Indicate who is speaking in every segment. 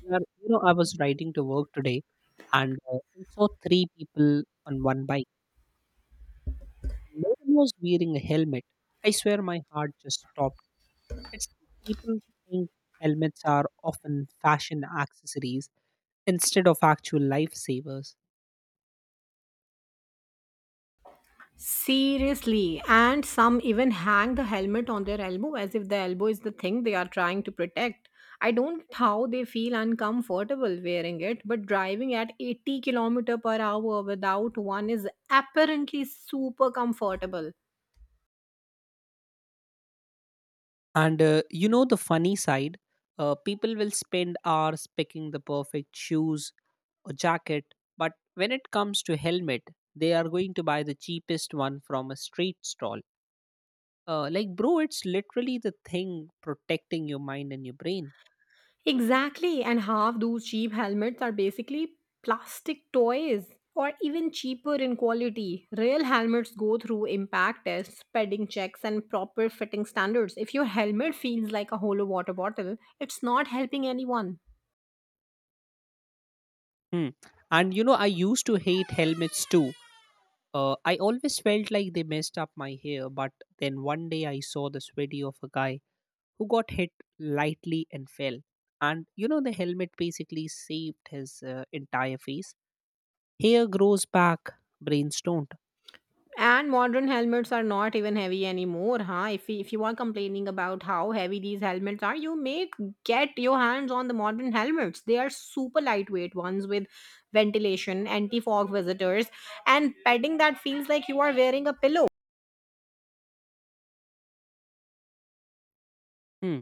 Speaker 1: Yeah, you know, I was riding to work today and I saw three people on one bike. No one was wearing a helmet. I swear my heart just stopped. It's like people think helmets are often fashion accessories instead of actual lifesavers.
Speaker 2: Seriously, and some even hang the helmet on their elbow as if the elbow is the thing they are trying to protect. I don't get how they feel uncomfortable wearing it, but driving at 80 kilometer per hour without one is apparently super comfortable.
Speaker 1: And you know, the funny side, people will spend hours picking the perfect shoes or jacket, but when it comes to helmet, they are going to buy the cheapest one from a street stall, like bro, it's literally the thing protecting your mind and your brain.
Speaker 2: Exactly, and half those cheap helmets are basically plastic toys or even cheaper in quality. Real helmets go through impact tests, padding checks, and proper fitting standards. If your helmet feels like a hollow water bottle, it's not helping anyone.
Speaker 1: hmm. And you know, I used to hate helmets too. I always felt like they messed up my hair, but then one day I saw this video of a guy who got hit lightly and fell. And you know, the helmet basically saved his entire face. Hair grows back, brains don't.
Speaker 2: And modern helmets are not even heavy anymore, huh? If you are complaining about how heavy these helmets are, you may get your hands on the modern helmets. They are super lightweight ones with ventilation, anti-fog visitors, and petting that feels like you are wearing a pillow.
Speaker 1: hmm.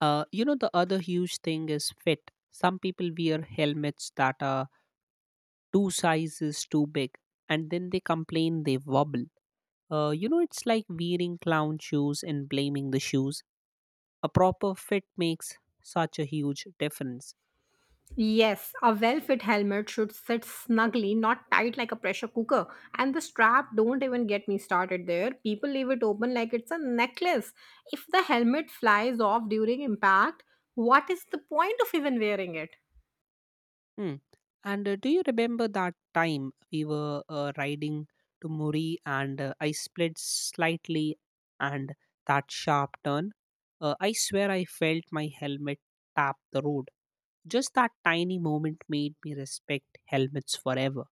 Speaker 1: You know, the other huge thing is fit. Some people wear helmets that are two sizes too big, and then they complain they wobble. You know, it's like wearing clown shoes and blaming the shoes. A proper fit makes such a huge difference.
Speaker 2: Yes, a well fit helmet should sit snugly, not tight like a pressure cooker. And the strap, don't even get me started there. People leave it open like it's a necklace. If the helmet flies off during impact, what is the point of even wearing it?
Speaker 1: Hmm. And do you remember that time we were riding to Muri and I split slightly and that sharp turn? I swear I felt my helmet tap the road. Just that tiny moment made me respect helmets forever.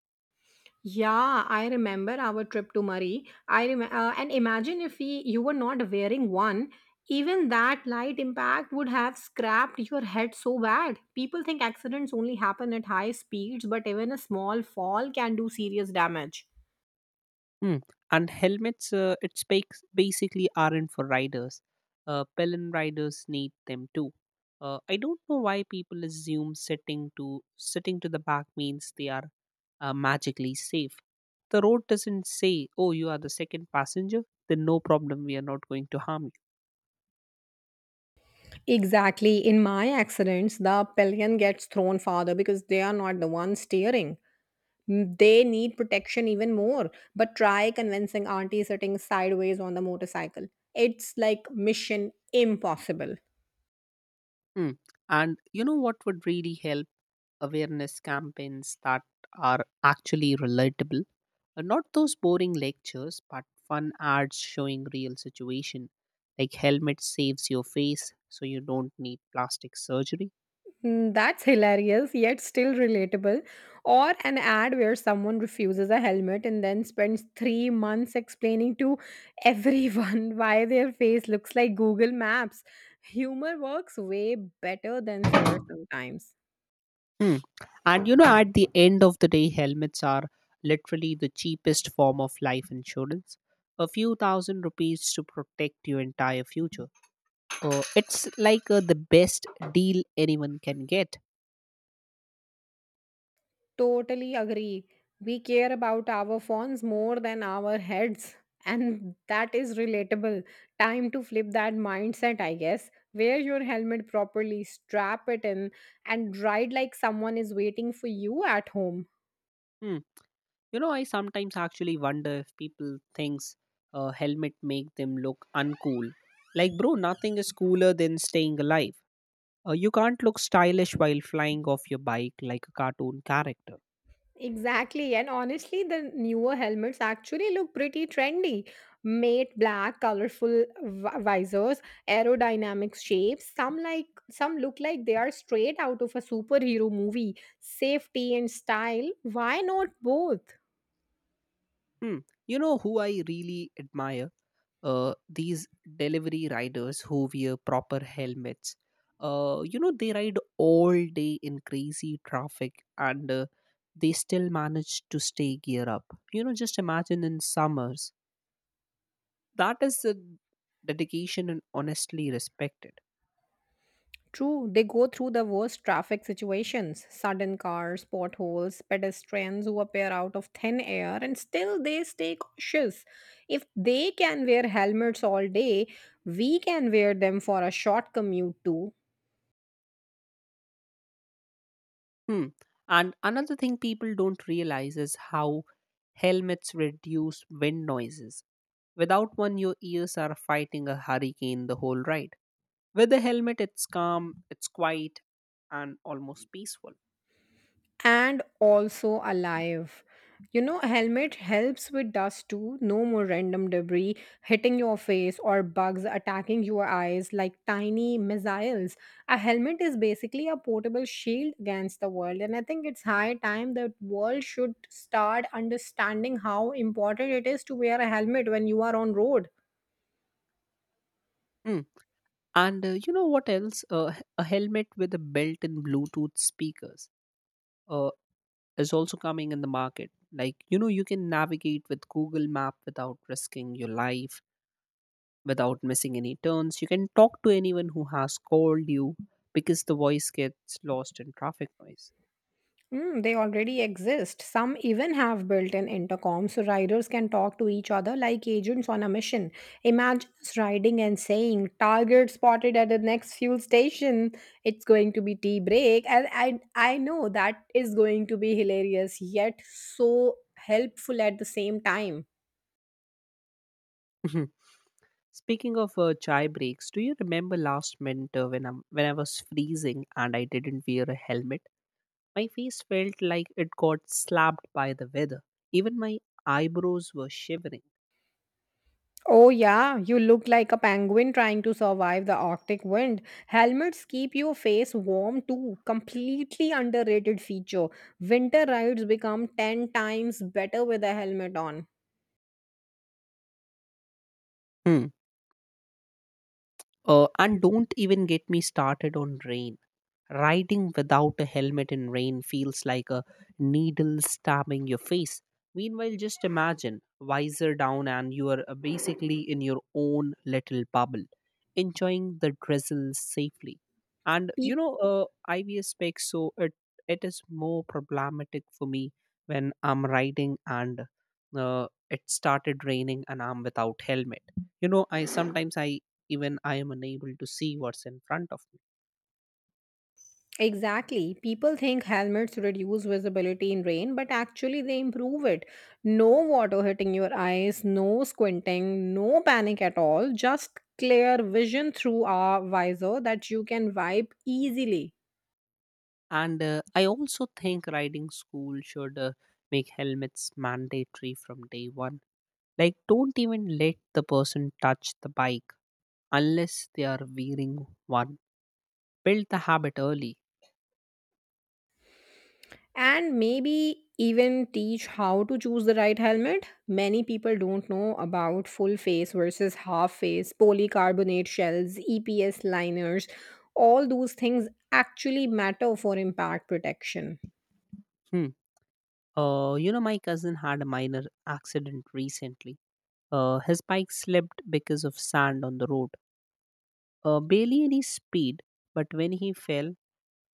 Speaker 2: Yeah, I remember our trip to Murray. And imagine if we, you were not wearing one, even that light impact would have scrapped your head so bad. People think accidents only happen at high speeds, but even a small fall can do serious damage.
Speaker 1: Hmm. And helmets, basically aren't for riders. Pelin riders need them too. I don't know why people assume sitting to the back means they are magically safe. The road doesn't say, "Oh, you are the second passenger. Then no problem, we are not going to harm you."
Speaker 2: Exactly. In my accidents, the pillion gets thrown farther because they are not the ones steering. They need protection even more, but try convincing auntie sitting sideways on the motorcycle. It's like mission impossible.
Speaker 1: Hmm. And you know what would really help? Awareness campaigns that are actually relatable. Not those boring lectures, but fun ads showing real situation, like helmet saves your face, so you don't need plastic surgery.
Speaker 2: Hmm, that's hilarious, yet still relatable. Or an ad where someone refuses a helmet and then spends 3 months explaining to everyone why their face looks like Google Maps. Humor works way better than figure sometimes.
Speaker 1: Hmm. And you know, at the end of the day, helmets are literally the cheapest form of life insurance. A few thousand rupees to protect your entire future. It's like the best deal anyone can get.
Speaker 2: Totally agree. We care about our phones more than our heads, and that is relatable. Time to flip that mindset, I guess. Wear your helmet properly, strap it in, and ride like someone is waiting for you at home.
Speaker 1: Hmm. You know, I sometimes actually wonder if people thinks a helmet make them look uncool. Like, bro, nothing is cooler than staying alive. You can't look stylish while flying off your bike like a cartoon character.
Speaker 2: Exactly. And honestly, the newer helmets actually look pretty trendy. Matte black, colorful visors, aerodynamic shapes. Some like some look like they are straight out of a superhero movie. Safety and style, why not both?
Speaker 1: Hmm. You know who I really admire? These delivery riders who wear proper helmets. You know, they ride all day in crazy traffic, and they still manage to stay gear up. You know, just imagine in summers, that is the dedication and honestly respected.
Speaker 2: True, they go through the worst traffic situations sudden cars, potholes, pedestrians who appear out of thin air, and still they stay cautious. If they can wear helmets all day, we can wear them for a short commute too.
Speaker 1: hmm. And another thing people don't realize is how helmets reduce wind noises. Without one, your ears are fighting a hurricane the whole ride. With the helmet, it's calm, it's quiet, and almost peaceful.
Speaker 2: And also alive. You know, a helmet helps with dust too. No more random debris hitting your face or bugs attacking your eyes like tiny missiles. A helmet is basically a portable shield against the world, and I think it's high time that world should start understanding how important it is to wear a helmet when you are on road.
Speaker 1: Hmm. And you know what else, a helmet with a built-in bluetooth speakers uh, is also coming in the market. Like, you know, you can navigate with google map without risking your life, without missing any turns. You can talk to anyone who has called you, because the voice gets lost in traffic noise.
Speaker 2: Mm, they already exist. Some even have built in intercoms so riders can talk to each other like agents on a mission. Imagine us riding and saying, Target spotted at the next fuel station. It's going to be tea break. And I know that is going to be hilarious, yet so helpful at the same time.
Speaker 1: Speaking of chai breaks, do you remember last winter when I was freezing and I didn't wear a helmet? My face felt like it got slapped by the weather. Even my eyebrows were shivering.
Speaker 2: Oh, yeah, you look like a penguin trying to survive the Arctic wind. Helmets keep your face warm too. Completely underrated feature. Winter rides become 10 times better with a helmet on.
Speaker 1: Hmm. And don't even get me started on rain. Riding without a helmet in rain feels like a needle stabbing your face. Meanwhile, just imagine visor down and you are basically in your own little bubble, enjoying the drizzle safely. And you
Speaker 2: Peop
Speaker 1: know, IVS specs, it is more problematic for me when I'm riding and it started raining and I'm without helmet. You know, I sometimes I even I am unable to see what's in front of me.
Speaker 2: exactly. People think helmets reduce visibility in rain, but actually they improve it. No water hitting your eyes, no squinting, no panic at all. Just clear vision through a visor that you can wipe easily.
Speaker 1: And I also think riding school should make helmets mandatory from day one. Like, don't even let the person touch the bike unless they are wearing one. Build the habit early.
Speaker 2: And maybe even teach how to choose the right helmet. Many people don't know about full face versus half face, polycarbonate shells, EPS liners. All those things actually matter for impact protection.
Speaker 1: Hmm. You know, my cousin had a minor accident recently. His bike slipped because of sand on the road. Barely any speed, but when he fell,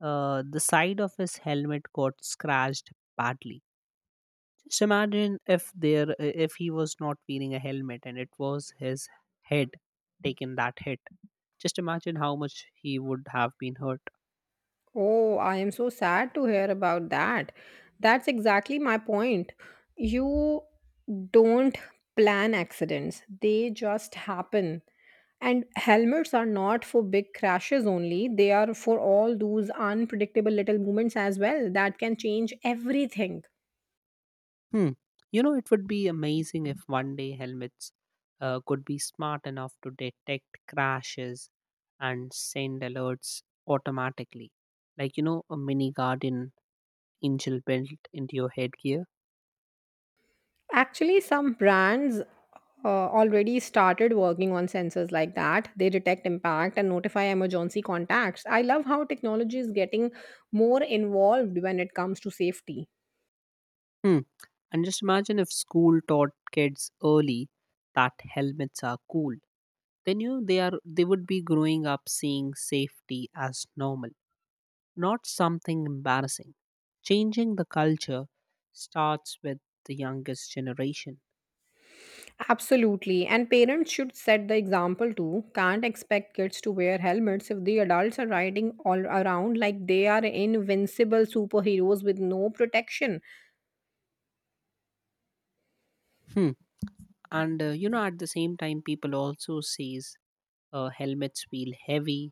Speaker 1: the side of his helmet got scratched badly. Just imagine if he was not wearing a helmet and it was his head taken that hit. Just imagine how much he would have been hurt.
Speaker 2: Oh, I am so sad to hear about that. That's exactly my point. You don't plan accidents, they just happen. And helmets are not for big crashes only, they are for all those unpredictable little moments as well that can change everything.
Speaker 1: Hmm. You know, it would be amazing if one day helmets could be smart enough to detect crashes and send alerts automatically. Like, you know, a mini guardian angel built into your headgear.
Speaker 2: Actually, some brands already started working on sensors like that. They detect impact and notify emergency contacts. I love how technology is getting more involved when it comes to safety.
Speaker 1: Hmm. And just imagine if school taught kids early that helmets are cool, then you know, they would be growing up seeing safety as normal, not something embarrassing. Changing the culture starts with the youngest generation.
Speaker 2: Absolutely. And parents should set the example too. Can't expect kids to wear helmets if the adults are riding all around like they are invincible superheroes with no protection.
Speaker 1: hmm. And you know, at the same time, people also says helmets feel heavy,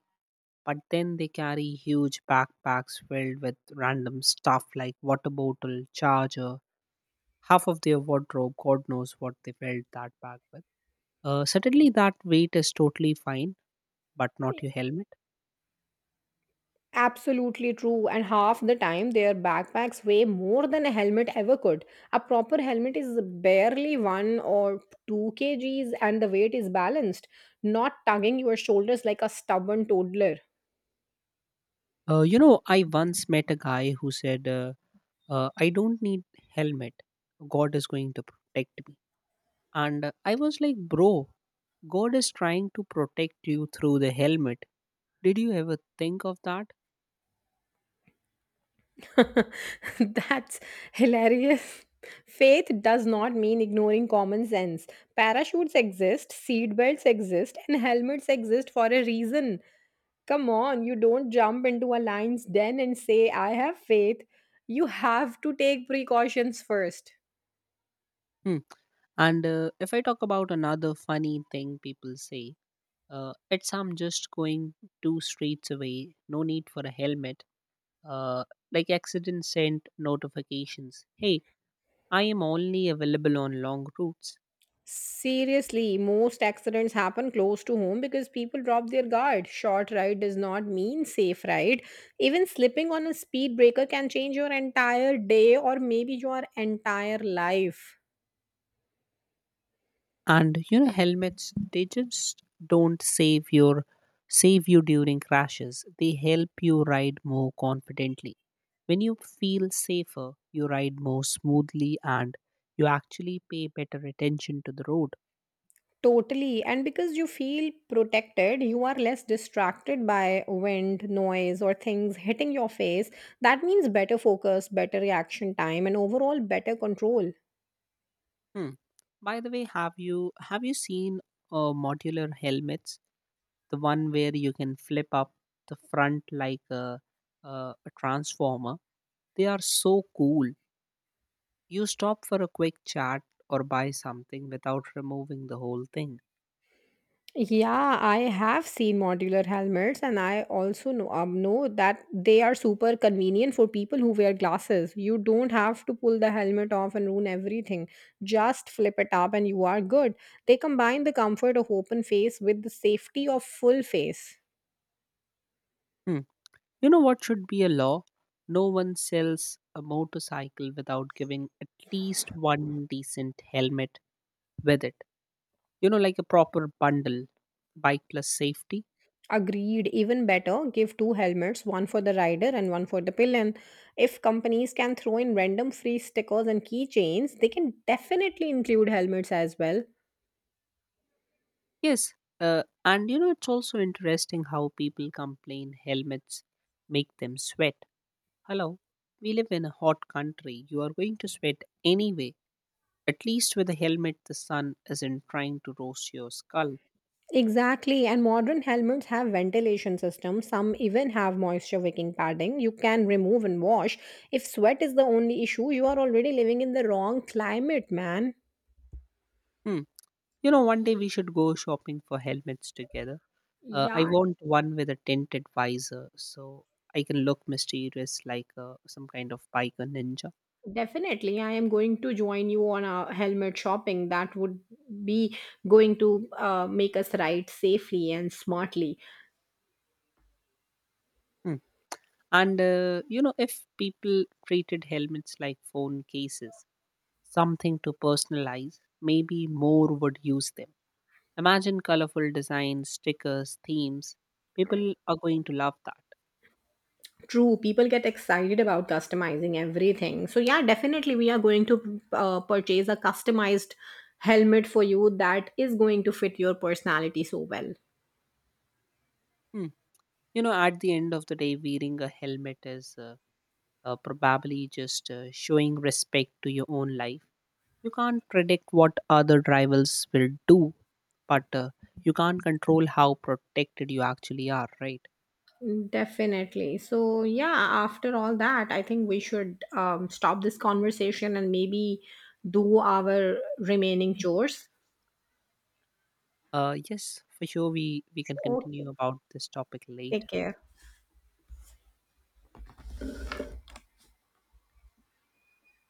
Speaker 1: but then they carry huge backpacks filled with random stuff like water bottle, charger, half of their wardrobe, god knows what they filled that bag with. Certainly that weight is totally fine, but not your helmet.
Speaker 2: Absolutely true. And half the time, their backpacks weigh more than a helmet ever could. A proper helmet is barely one or 2 kgs, and the weight is balanced, not tugging your shoulders like a stubborn toddler.
Speaker 1: You know, I once met a guy who said, "I don't need helmet. God is going to protect me." And I was like, "Bro, God is trying to protect you through the helmet. Did you ever think of that?"
Speaker 2: That's hilarious. Faith does not mean ignoring common sense. Parachutes exist, seat belts exist, and helmets exist for a reason. Come on, you don't jump into a lion's den and say, I have faith. You have to take precautions first.
Speaker 1: Hmm. And if I talk about another funny thing people say, it's I'm just going two streets away. No need for a helmet. Uh, like accident sent notifications. Hey, I am only available on long routes.
Speaker 2: Seriously, most accidents happen close to home because people drop their guard. Short ride does not mean safe ride. Even slipping on a speed breaker can change your entire day or maybe your entire life.
Speaker 1: And you know, helmets, they just don't save your save you during crashes. They help you ride more confidently. When you feel safer, you ride more smoothly, and you actually pay better attention to the road.
Speaker 2: Totally. And because you feel protected, you are less distracted by wind, noise, or things hitting your face. That means better focus, better reaction time, and overall better control.
Speaker 1: hmm. By the way, have you seen modular helmets, the one where you can flip up the front like a, a transformer? They are so cool. You stop for a quick chat or buy something without removing the whole thing.
Speaker 2: Yeah, I have seen modular helmets, and I also know that they are super convenient for people who wear glasses. You don't have to pull the helmet off and ruin everything. Just flip it up, and you are good. They combine the comfort of open face with the safety of full face.
Speaker 1: Hmm. You know what should be a law? No one sells a motorcycle without giving at least one decent helmet with it. You know, like a proper bundle, bike plus safety.
Speaker 2: Agreed. Even better, give two helmets, one for the rider and one for the pillion. If companies can throw in random free stickers and keychains, they can definitely include helmets as well.
Speaker 1: Yes. And you know, it's also interesting how people complain helmets make them sweat. Hello. We live in a hot country. You are going to sweat anyway. At least with a helmet, the sun isn't trying to roast your skull.
Speaker 2: Exactly, and modern helmets have ventilation systems. Some even have moisture wicking padding. You can remove and wash. If sweat is the only issue, you are already living in the wrong climate, man.
Speaker 1: Hmm. You know, one day we should go shopping for helmets together. I
Speaker 2: Yeah,
Speaker 1: want one with a tinted visor so I can look mysterious like some kind of biker ninja.
Speaker 2: definitely, I am going to join you on a helmet shopping. That would be going to make us ride safely and smartly.
Speaker 1: Hmm. And, you know, if people treated helmets like phone cases, something to personalize, maybe more would use them. Imagine colorful designs, stickers, themes. People are going to love that.
Speaker 2: True, people get excited about customizing everything. So, yeah, definitely, we are going to purchase a customized helmet for you that is going to fit your personality so well.
Speaker 1: Hmm. You know, at the end of the day, wearing a helmet is probably just showing respect to your own life. You can't predict what other rivals will do, but you can't control how protected you actually are, right?
Speaker 2: Definitely. So, yeah, after all that, I think we should stop this conversation and maybe do our remaining chores.
Speaker 1: Yes, for sure, we can
Speaker 2: Okay.
Speaker 1: continue about this topic
Speaker 2: Take
Speaker 1: later.
Speaker 2: care.